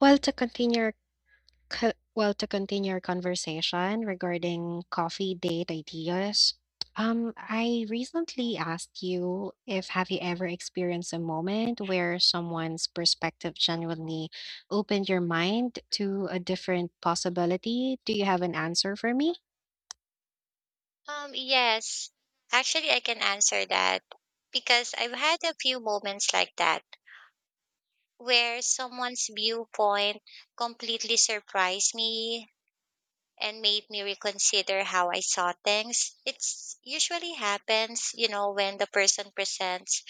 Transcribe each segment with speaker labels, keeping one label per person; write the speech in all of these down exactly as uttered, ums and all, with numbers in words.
Speaker 1: Well, to continue our co- well, to continue our conversation regarding coffee date ideas, um, I recently asked you if have you ever experienced a moment where someone's perspective genuinely opened your mind to a different possibility? Do you have an answer for me?
Speaker 2: Um, yes, actually, I can answer that because I've had a few moments like that where someone's viewpoint completely surprised me and made me reconsider how I saw things. It's usually happens, you know, when the person presents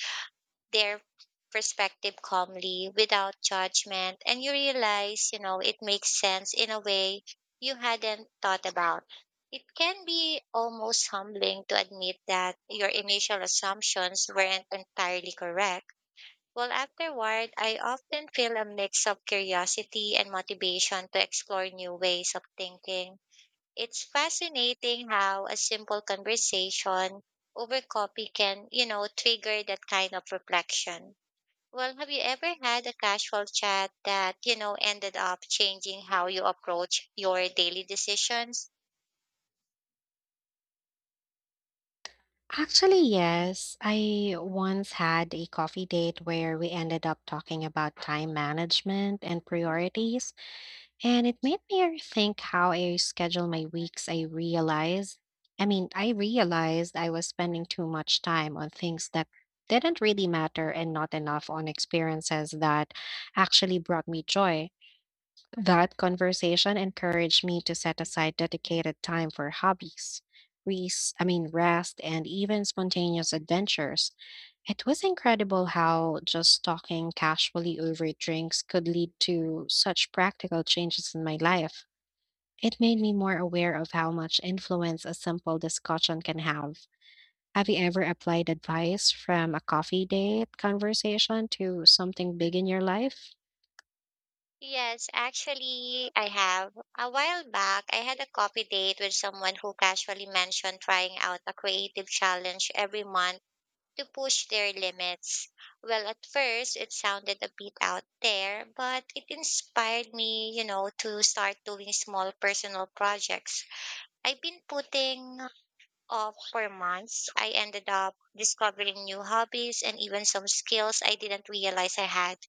Speaker 2: their perspective calmly without judgment, and you realize you know it makes sense in a way you hadn't thought about. It can be almost humbling to admit that your initial assumptions weren't entirely correct. Well, afterward, I often feel a mix of curiosity and motivation to explore new ways of thinking. It's fascinating how a simple conversation over coffee can you know trigger that kind of reflection. Well, have you ever had a casual chat that, you know, ended up changing how you approach your daily decisions?
Speaker 1: Actually, yes. I once had a coffee date where we ended up talking about time management and priorities. And it made me rethink how I schedule my weeks. I realized, I mean, I realized I was spending too much time on things that didn't really matter and not enough on experiences that actually brought me joy. That conversation encouraged me to set aside dedicated time for hobbies, res- I mean, rest, and even spontaneous adventures. It was incredible how just talking casually over drinks could lead to such practical changes in my life. It made me more aware of how much influence a simple discussion can have. Have you ever applied advice from a coffee date conversation to something big in your life?
Speaker 2: Yes, actually, I have. A while back, I had a coffee date with someone who casually mentioned trying out a creative challenge every month to push their limits. Well, at first, it sounded a bit out there, but it inspired me, you know, to start doing small personal projects I've been putting off for months. I ended up discovering new hobbies and even some skills I didn't realize I had.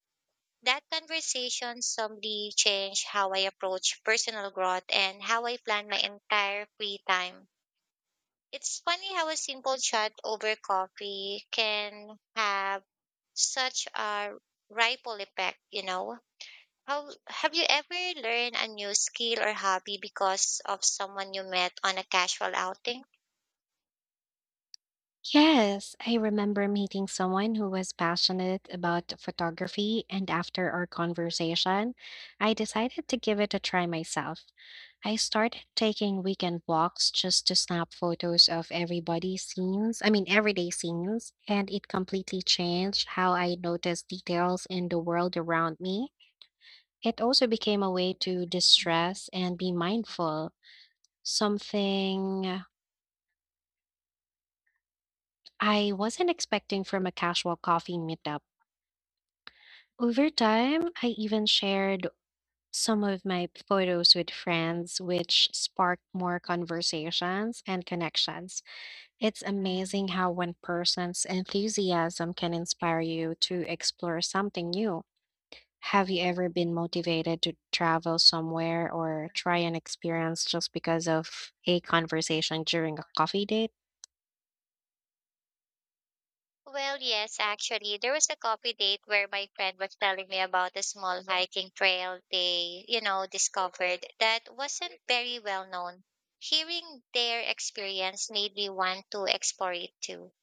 Speaker 2: That conversation suddenly changed how I approach personal growth and how I plan my entire free time. It's funny how a simple chat over coffee can have such a ripple effect, you know? How have you ever learned a new skill or hobby because of someone you met on a casual outing?
Speaker 1: Yes, I remember meeting someone who was passionate about photography, and after our conversation, I decided to give it a try myself. I started taking weekend walks just to snap photos of everybody's scenes, I mean, everyday scenes, and it completely changed how I noticed details in the world around me. It also became a way to distress and be mindful, something I wasn't expecting from a casual coffee meetup. Over time, I even shared some of my photos with friends, which sparked more conversations and connections. It's amazing how one person's enthusiasm can inspire you to explore something new. Have you ever been motivated to travel somewhere or try an experience just because of a conversation during a coffee date?
Speaker 2: Well, yes, actually, there was a coffee date where my friend was telling me about a small hiking trail they, you know, discovered that wasn't very well known. Hearing their experience made me want to explore it too.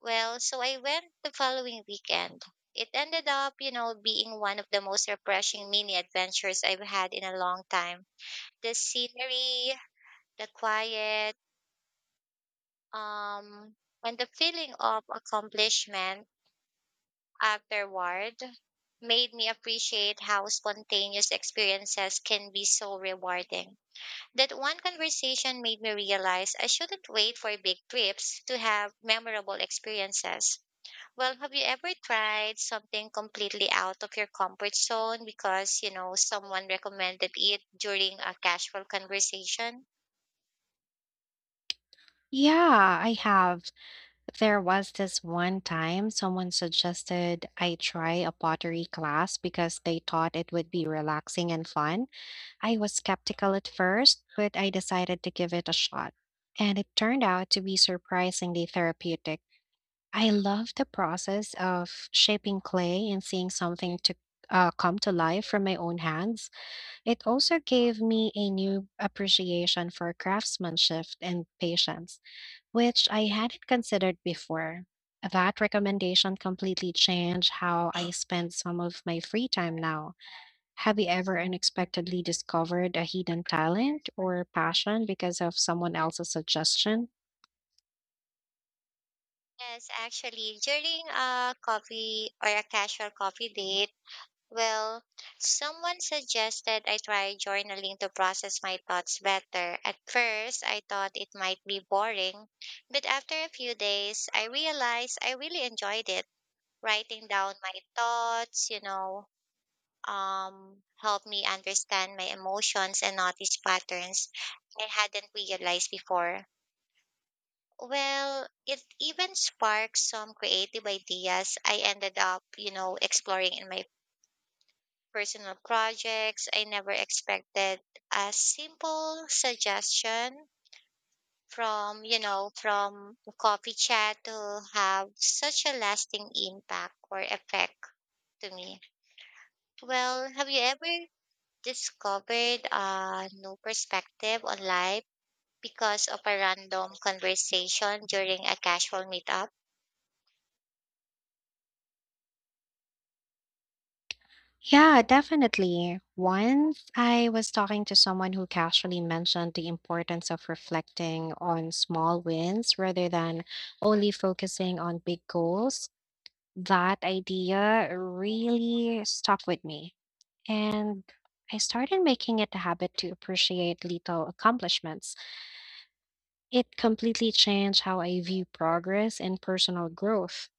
Speaker 2: Well, so I went the following weekend. It ended up, you know, being one of the most refreshing mini adventures I've had in a long time. The scenery, the quiet, um, and the feeling of accomplishment afterward made me appreciate how spontaneous experiences can be so rewarding. That one conversation made me realize I shouldn't wait for big trips to have memorable experiences. Well, have you ever tried something completely out of your comfort zone because, you know, someone recommended it during a casual conversation?
Speaker 1: Yeah, I have. There was this one time someone suggested I try a pottery class because they thought it would be relaxing and fun. I was skeptical at first, but I decided to give it a shot. And it turned out to be surprisingly therapeutic. I love the process of shaping clay and seeing something to uh, come to life from my own hands. It also gave me a new appreciation for craftsmanship and patience, which I hadn't considered before. That recommendation completely changed how I spend some of my free time now. Have you ever unexpectedly discovered a hidden talent or passion because of someone else's suggestion?
Speaker 2: Yes, actually, during a coffee or a casual coffee date, Well, someone suggested I try journaling to process my thoughts better. At first, I thought it might be boring, but after a few days, I realized I really enjoyed it. Writing down my thoughts, you know, um, helped me understand my emotions and notice patterns I hadn't realized before. Well, it even sparked some creative ideas I ended up, you know, exploring in my personal projects I never expected. A simple suggestion from, you know, from a coffee chat to have such a lasting impact or effect to me. Well, have you ever discovered a new perspective on life because of a random conversation during a casual meetup?
Speaker 1: Yeah, definitely. Once I was talking to someone who casually mentioned the importance of reflecting on small wins rather than only focusing on big goals. That idea really stuck with me. And I started making it a habit to appreciate little accomplishments. It completely changed how I view progress and personal growth,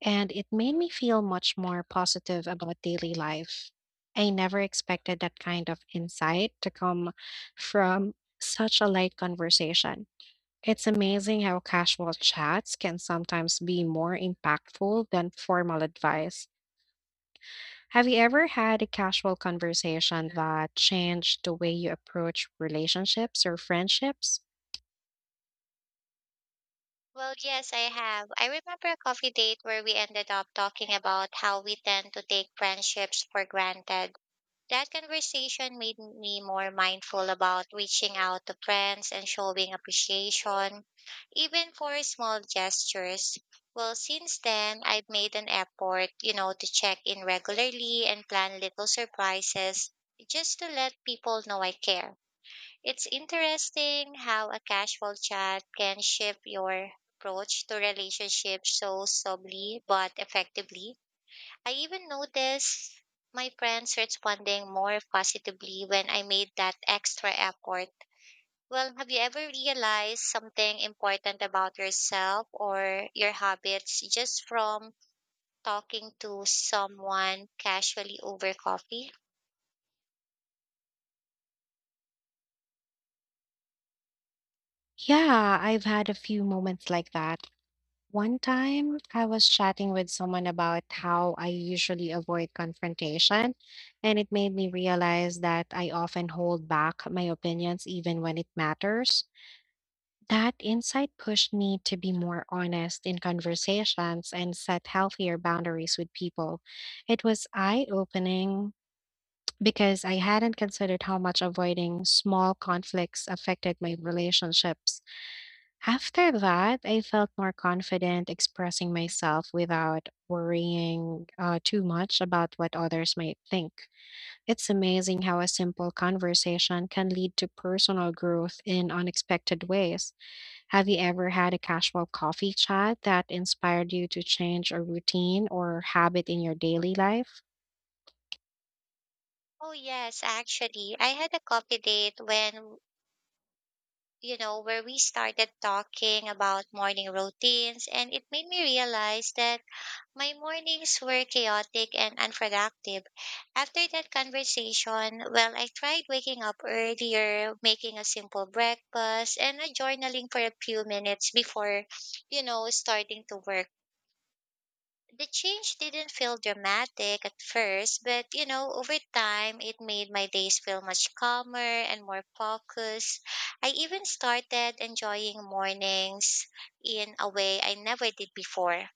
Speaker 1: and it made me feel much more positive about daily life. I never expected that kind of insight to come from such a light conversation. It's amazing how casual chats can sometimes be more impactful than formal advice. Have you ever had a casual conversation that changed the way you approach relationships or friendships?
Speaker 2: Well, yes, I have. I remember a coffee date where we ended up talking about how we tend to take friendships for granted. That conversation made me more mindful about reaching out to friends and showing appreciation, even for small gestures. Well, since then, I've made an effort, you know, to check in regularly and plan little surprises just to let people know I care. It's interesting how a casual chat can shift your approach to relationships so subtly but effectively. I even noticed my friends responding more positively when I made that extra effort. Well, have you ever realized something important about yourself or your habits just from talking to someone casually over coffee?
Speaker 1: Yeah, I've had a few moments like that. One time, I was chatting with someone about how I usually avoid confrontation, and it made me realize that I often hold back my opinions even when it matters. That insight pushed me to be more honest in conversations and set healthier boundaries with people. It was eye-opening because I hadn't considered how much avoiding small conflicts affected my relationships. After that, I felt more confident expressing myself without worrying uh, too much about what others might think. It's amazing how a simple conversation can lead to personal growth in unexpected ways. Have you ever had a casual coffee chat that inspired you to change a routine or habit in your daily life?
Speaker 2: Oh, yes, actually. I had a coffee date when, you know, where we started talking about morning routines, and it made me realize that my mornings were chaotic and unproductive. After that conversation, well, I tried waking up earlier, making a simple breakfast, and a journaling for a few minutes before, you know, starting to work. The change didn't feel dramatic at first, but you know, over time, it made my days feel much calmer and more focused. I even started enjoying mornings in a way I never did before.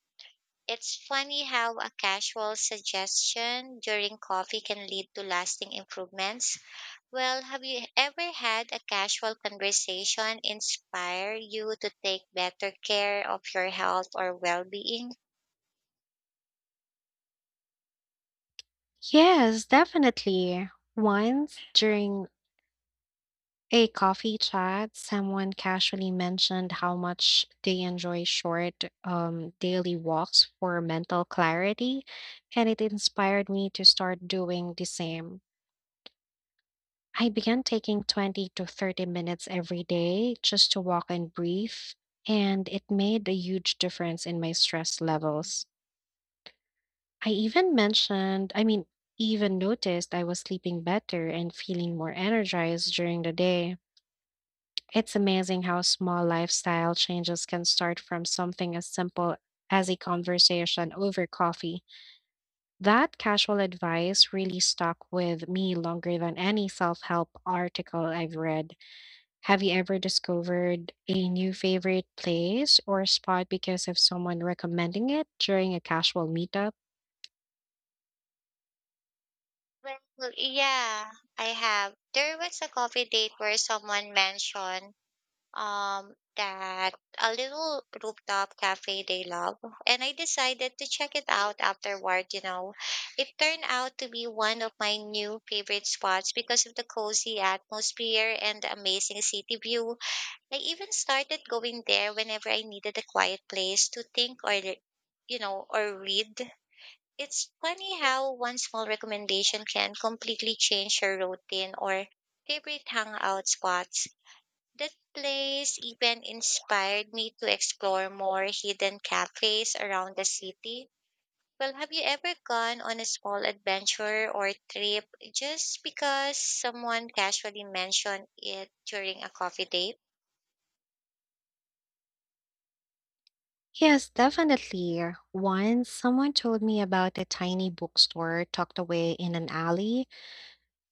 Speaker 2: It's funny how a casual suggestion during coffee can lead to lasting improvements. Well, have you ever had a casual conversation inspire you to take better care of your health or well being?
Speaker 1: Yes, definitely. Once during a coffee chat, someone casually mentioned how much they enjoy short um, daily walks for mental clarity, and it inspired me to start doing the same. I began taking twenty to thirty minutes every day just to walk and breathe, and it made a huge difference in my stress levels. I even mentioned, I mean, even noticed I was sleeping better and feeling more energized during the day. It's amazing how small lifestyle changes can start from something as simple as a conversation over coffee. That casual advice really stuck with me longer than any self help article I've read. Have you ever discovered a new favorite place or spot because of someone recommending it during a casual meetup?
Speaker 2: Well, yeah, I have. There was a coffee date where someone mentioned um, that a little rooftop cafe they love, and I decided to check it out afterward. You know, it turned out to be one of my new favorite spots because of the cozy atmosphere and the amazing city view. I even started going there whenever I needed a quiet place to think or, re- you know, or read. It's funny how one small recommendation can completely change your routine or favorite hangout spots. That place even inspired me to explore more hidden cafes around the city. Well, have you ever gone on a small adventure or trip just because someone casually mentioned it during a coffee date?
Speaker 1: Yes, definitely. Once someone told me about a tiny bookstore tucked away in an alley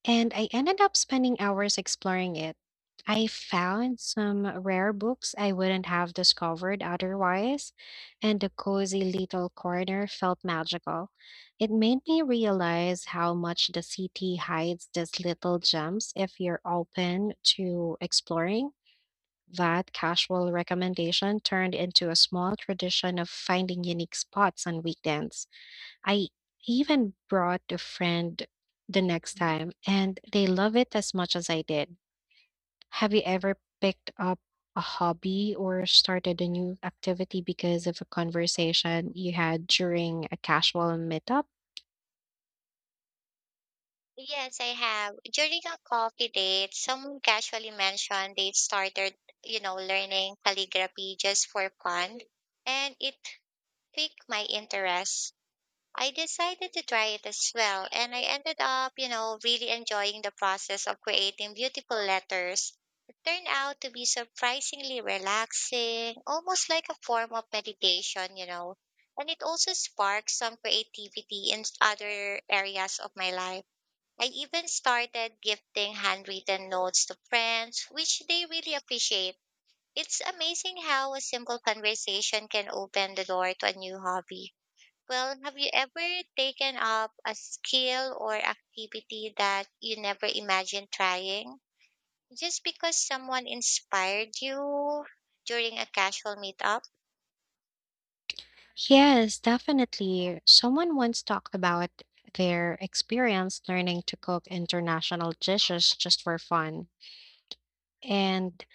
Speaker 1: and I ended up spending hours exploring it. I found some rare books I wouldn't have discovered otherwise, and the cozy little corner felt magical. It made me realize how much the city hides these little gems if you're open to exploring. That casual recommendation turned into a small tradition of finding unique spots on weekends. I even brought a friend the next time, and they love it as much as I did. Have you ever picked up a hobby or started a new activity because of a conversation you had during a casual meetup?
Speaker 2: Yes, I have. During a coffee date, someone casually mentioned they started, you know, learning calligraphy just for fun, and it piqued my interest. I decided to try it as well, and I ended up, you know, really enjoying the process of creating beautiful letters. It turned out to be surprisingly relaxing, almost like a form of meditation, you know. And it also sparked some creativity in s- other areas of my life. I even started gifting handwritten notes to friends, which they really appreciate. It's amazing how a simple conversation can open the door to a new hobby. Well, have you ever taken up a skill or activity that you never imagined trying just because someone inspired you during a casual meetup?
Speaker 1: Yes, definitely. Someone once talked about their experience learning to cook international dishes just for fun. And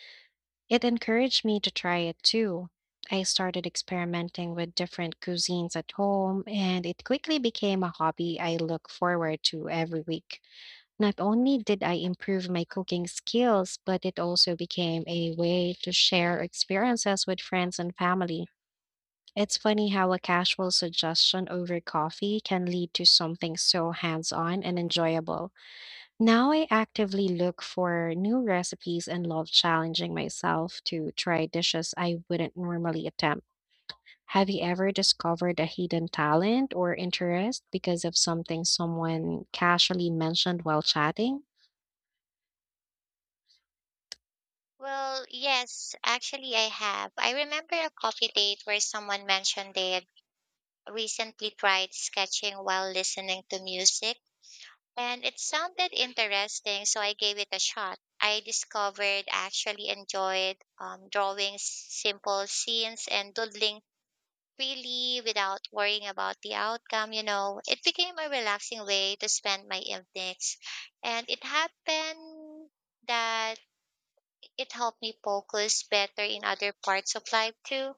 Speaker 1: it encouraged me to try it too. I started experimenting with different cuisines at home, and it quickly became a hobby I look forward to every week. Not only did I improve my cooking skills, but it also became a way to share experiences with friends and family. It's funny how a casual suggestion over coffee can lead to something so hands on and enjoyable. Now I actively look for new recipes and love challenging myself to try dishes I wouldn't normally attempt. Have you ever discovered a hidden talent or interest because of something someone casually mentioned while chatting?
Speaker 2: Well, yes, actually, I have. I remember a coffee date where someone mentioned they had recently tried sketching while listening to music, and it sounded interesting, so I gave it a shot. I discovered I actually enjoyed um, drawing simple scenes and doodling really without worrying about the outcome, you know. It became a relaxing way to spend my evenings. And it happened that it helped me focus better in other parts of life too.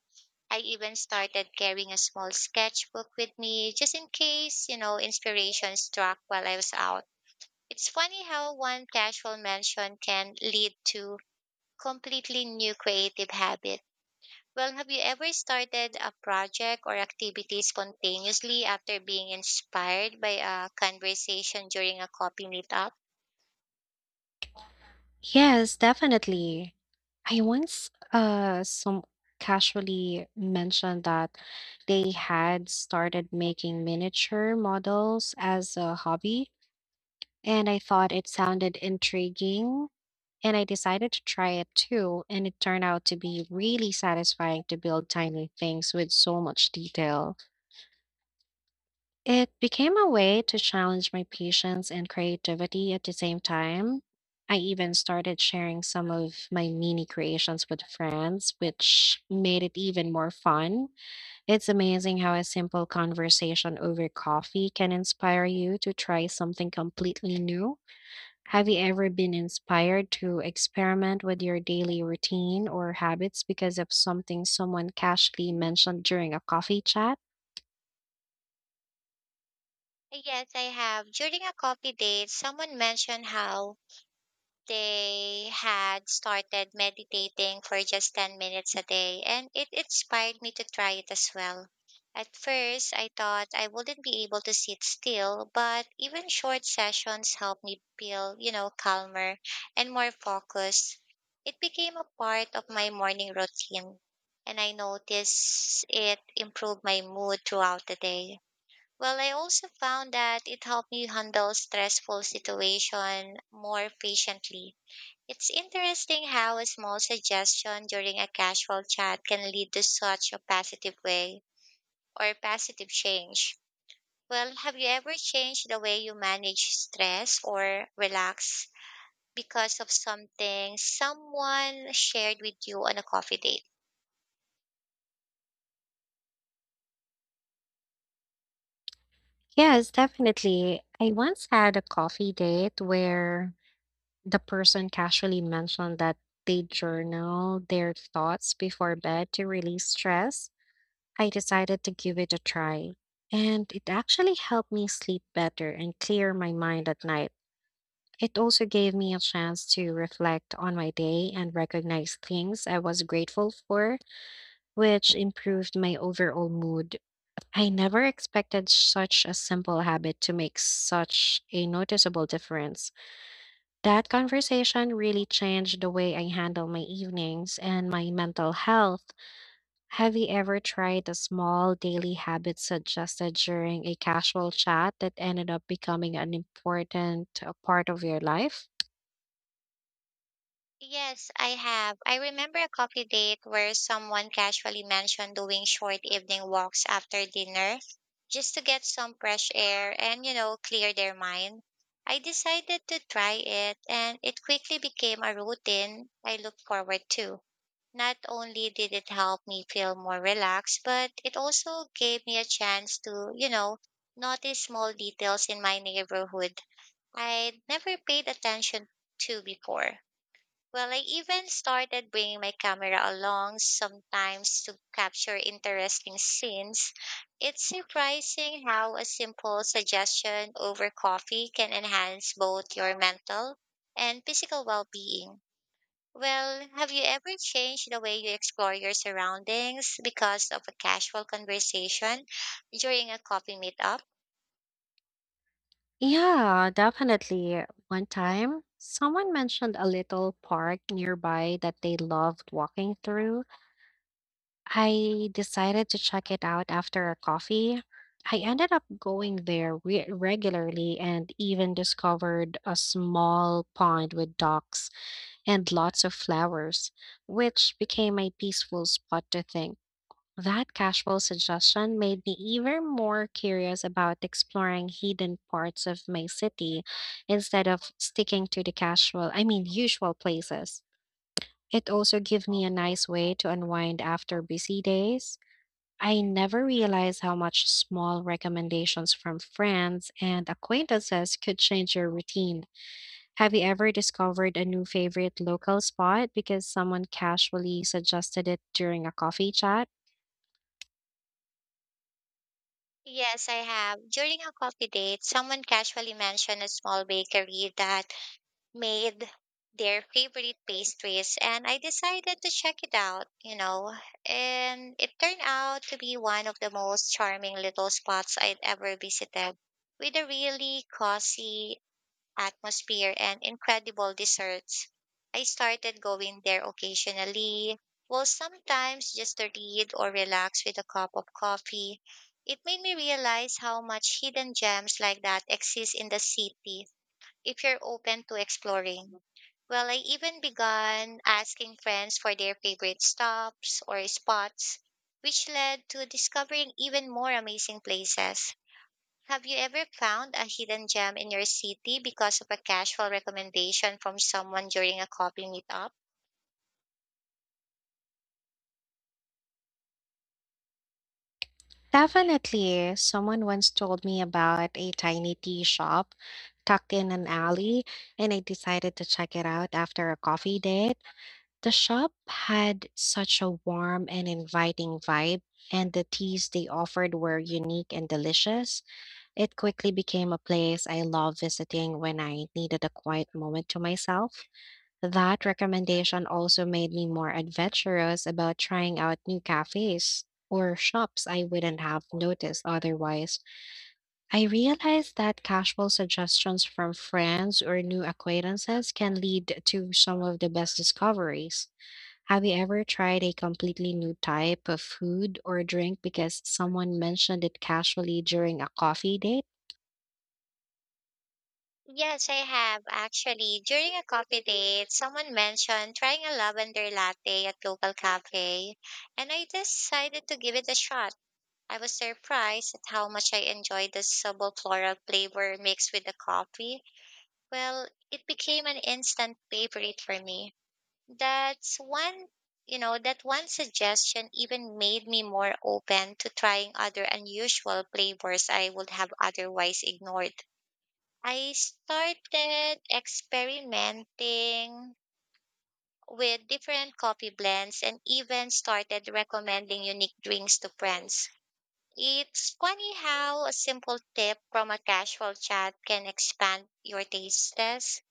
Speaker 2: I even started carrying a small sketchbook with me just in case, you know, inspiration struck while I was out. It's funny how one casual mention can lead to completely new creative habits. Well, have you ever started a project or activity spontaneously after being inspired by a conversation during a coffee meetup?
Speaker 1: Yes, definitely. I once uh some casually mentioned that they had started making miniature models as a hobby, and I thought it sounded intriguing. And I decided to try it too, and it turned out to be really satisfying to build tiny things with so much detail. It became a way to challenge my patience and creativity at the same time. I even started sharing some of my mini creations with friends, which made it even more fun. It's amazing how a simple conversation over coffee can inspire you to try something completely new. Have you ever been inspired to experiment with your daily routine or habits because of something someone casually mentioned during a coffee chat?
Speaker 2: Yes, I have. During a coffee date, someone mentioned how they had started meditating for just ten minutes a day, and it inspired me to try it as well. At first, I thought I wouldn't be able to sit still, but even short sessions helped me feel, you know, calmer and more focused. It became a part of my morning routine, and I noticed it improved my mood throughout the day. Well, I also found that it helped me handle stressful situation more patiently. It's interesting how a small suggestion during a casual chat can lead to such a positive way or positive change. Well, have you ever changed the way you manage stress or relax because of something someone shared with you on a coffee date?
Speaker 1: Yes, definitely. I once had a coffee date where the person casually mentioned that they journal their thoughts before bed to release stress. I decided to give it a try, and it actually helped me sleep better and clear my mind at night. It also gave me a chance to reflect on my day and recognize things I was grateful for, which improved my overall mood. I never expected such a simple habit to make such a noticeable difference. That conversation really changed the way I handle my evenings and my mental health. Have you ever tried a small daily habit suggested during a casual chat that ended up becoming an important uh, part of your life?
Speaker 2: Yes, I have. I remember a coffee date where someone casually mentioned doing short evening walks after dinner just to get some fresh air and, you know, clear their mind. I decided to try it, and it quickly became a routine I look forward to. Not only did it help me feel more relaxed, but it also gave me a chance to, you know, notice small details in my neighborhood I'd never paid attention to before. Well, I even started bringing my camera along sometimes to capture interesting scenes. It's surprising how a simple suggestion over coffee can enhance both your mental and physical well being. Well, have you ever changed the way you explore your surroundings because of a casual conversation during a coffee meetup?
Speaker 1: Yeah, definitely. One time, someone mentioned a little park nearby that they loved walking through. I decided to check it out after a coffee. I ended up going there re regularly and even discovered a small pond with ducks and lots of flowers, which became a peaceful spot to think. That casual suggestion made me even more curious about exploring hidden parts of my city instead of sticking to the casual, I mean, usual places. It also gave me a nice way to unwind after busy days. I never realized how much small recommendations from friends and acquaintances could change your routine. Have you ever discovered a new favorite local spot because someone casually suggested it during a coffee chat?
Speaker 2: Yes, I have. During a coffee date, someone casually mentioned a small bakery that made their favorite pastries, and I decided to check it out, you know, and it turned out to be one of the most charming little spots I'd ever visited, with a really cozy atmosphere and incredible desserts. I started going there occasionally, well, sometimes just to read or relax with a cup of coffee. It made me realize how much hidden gems like that exist in the city if you're open to exploring. Well, I even began asking friends for their favorite stops or spots, which led to discovering even more amazing places. Have you ever found a hidden gem in your city because of a casual recommendation from someone during a coffee meetup?
Speaker 1: Definitely. Someone once told me about a tiny tea shop tucked in an alley, and I decided to check it out after a coffee date. The shop had such a warm and inviting vibe, and the teas they offered were unique and delicious. It quickly became a place I love visiting when I needed a quiet moment to myself. That recommendation also made me more adventurous about trying out new cafes or shops I wouldn't have noticed otherwise. I realized that casual suggestions from friends or new acquaintances can lead to some of the best discoveries. Have you ever tried a completely new type of food or drink because someone mentioned it casually during a coffee date?
Speaker 2: Yes, I have actually. During a coffee date, someone mentioned trying a lavender latte at local cafe, and I decided to give it a shot. I was surprised at how much I enjoyed the subtle floral flavor mixed with the coffee. Well, it became an instant favorite for me. That's one, you know, that one suggestion even made me more open to trying other unusual flavors I would have otherwise ignored. I started experimenting with different coffee blends and even started recommending unique drinks to friends. It's funny how a simple tip from a casual chat can expand your taste test.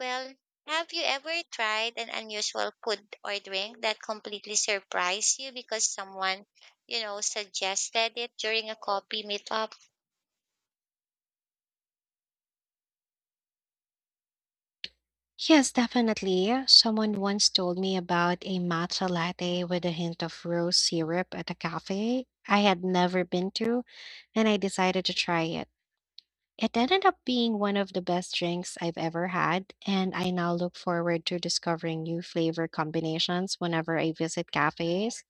Speaker 2: Well, have you ever tried an unusual food or drink that completely surprised you because someone, you know, suggested it during a coffee meetup?
Speaker 1: Yes, definitely. Someone once told me about a matcha latte with a hint of rose syrup at a cafe I had never been to, and I decided to try it. It ended up being one of the best drinks I've ever had, and I now look forward to discovering new flavor combinations whenever I visit cafes.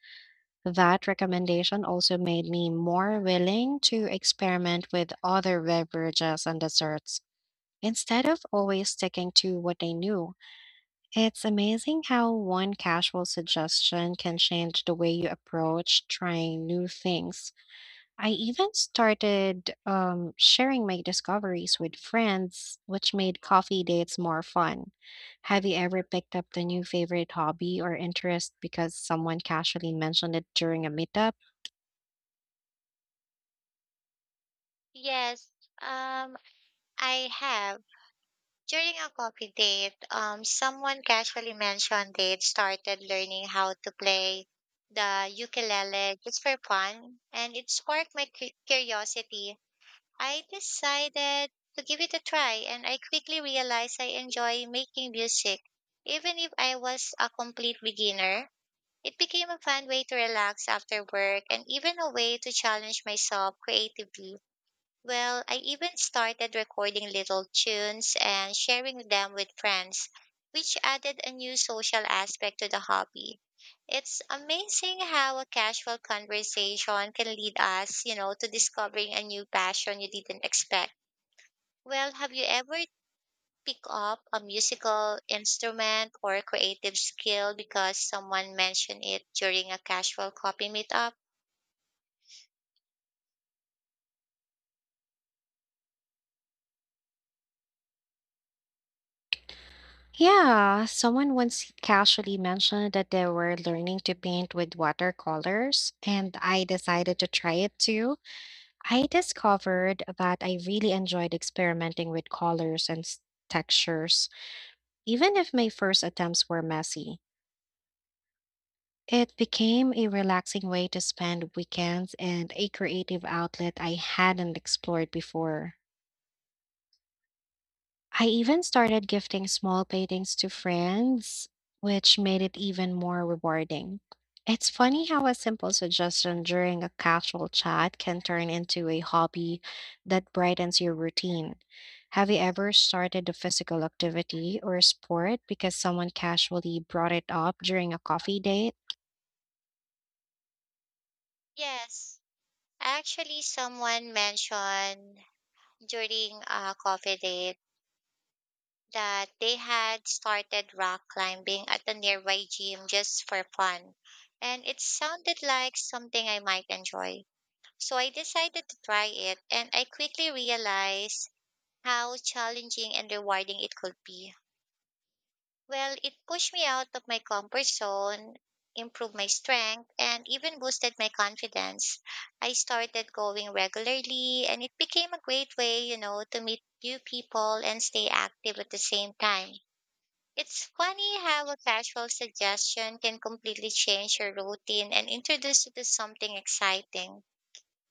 Speaker 1: That recommendation also made me more willing to experiment with other beverages and desserts instead of always sticking to what I knew. It's amazing how one casual suggestion can change the way you approach trying new things. I even started um, sharing my discoveries with friends, which made coffee dates more fun. Have you ever picked up the new favorite hobby or interest because someone casually mentioned it during a meetup?
Speaker 2: Yes, um, I have. During a coffee date, um, someone casually mentioned they'd started learning how to play the ukulele just for fun, and it sparked my cu- curiosity. I decided to give it a try, and I quickly realized I enjoy making music. Even if I was a complete beginner, it became a fun way to relax after work and even a way to challenge myself creatively. Well, I even started recording little tunes and sharing them with friends, which added a new social aspect to the hobby. It's amazing how a casual conversation can lead us, you know, to discovering a new passion you didn't expect. Well, have you ever picked up a musical instrument or creative skill because someone mentioned it during a casual coffee meetup?
Speaker 1: Yeah, someone once casually mentioned that they were learning to paint with watercolors, and I decided to try it too. I discovered that I really enjoyed experimenting with colors and s- textures, even if my first attempts were messy. It became a relaxing way to spend weekends and a creative outlet I hadn't explored before. I even started gifting small paintings to friends, which made it even more rewarding. It's funny how a simple suggestion during a casual chat can turn into a hobby that brightens your routine. Have you ever started a physical activity or a sport because someone casually brought it up during a coffee date?
Speaker 2: Yes. Actually, someone mentioned during a coffee date that they had started rock climbing at a nearby gym just for fun. And it sounded like something I might enjoy. So I decided to try it, and I quickly realized how challenging and rewarding it could be. Well, it pushed me out of my comfort zone, improved my strength, and even boosted my confidence. I started going regularly, and it became a great way, you know, to meet new people and stay active at the same time. It's funny how a casual suggestion can completely change your routine and introduce you to something exciting.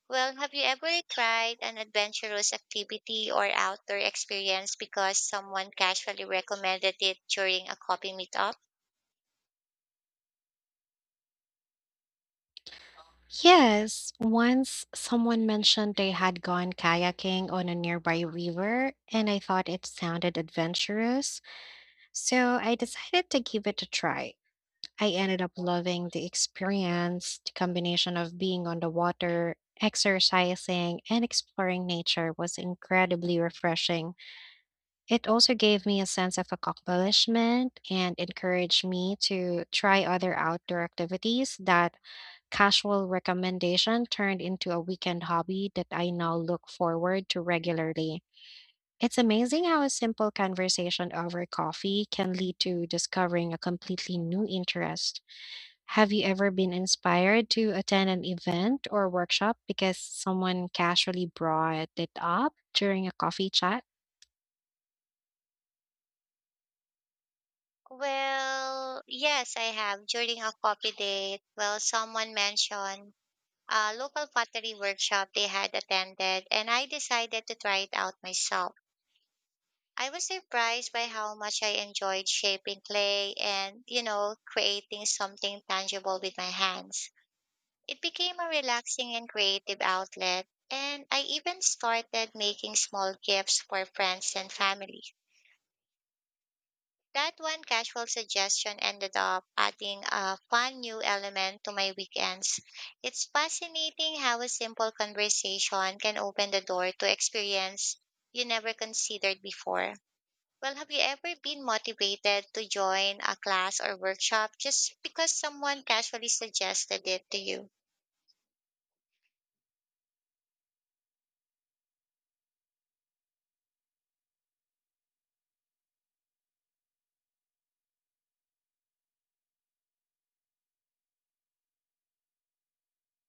Speaker 2: Well, have you ever tried an adventurous activity or outdoor experience because someone casually recommended it during a coffee meetup?
Speaker 1: Yes, once someone mentioned they had gone kayaking on a nearby river, and I thought it sounded adventurous. So I decided to give it a try. I ended up loving the experience, the combination of being on the water, exercising, and exploring nature was incredibly refreshing. It also gave me a sense of accomplishment and encouraged me to try other outdoor activities. That casual recommendation turned into a weekend hobby that I now look forward to regularly. It's amazing how a simple conversation over coffee can lead to discovering a completely new interest. Have you ever been inspired to attend an event or workshop because someone casually brought it up during a coffee chat?
Speaker 2: Well, yes, I have. During a coffee date, well, someone mentioned a local pottery workshop they had attended, and I decided to try it out myself. I was surprised by how much I enjoyed shaping clay and, you know, creating something tangible with my hands. It became a relaxing and creative outlet, and I even started making small gifts for friends and family. That one casual suggestion ended up adding a fun new element to my weekends. It's fascinating how a simple conversation can open the door to experience you never considered before. Well, have you ever been motivated to join a class or workshop just because someone casually suggested it to you?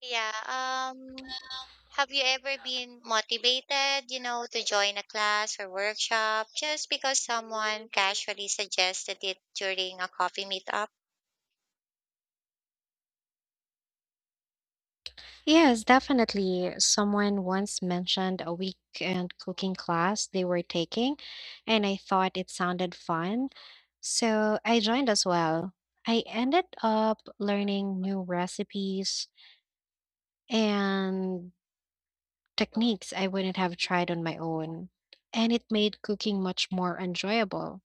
Speaker 2: Yeah, um Have you ever been motivated, you know, to join a class or workshop just because someone casually suggested it during a coffee meetup?
Speaker 1: Yes, definitely. Someone once mentioned a weekend cooking class they were taking, and I thought it sounded fun. So I joined as well. I ended up learning new recipes and techniques I wouldn't have tried on my own. And it made cooking much more enjoyable.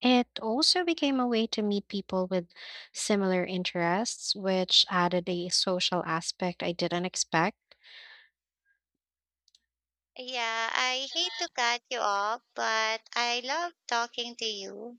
Speaker 1: It also became a way to meet people with similar interests, which added a social aspect I didn't expect.
Speaker 2: Yeah, I hate to cut you off, but I love talking to you.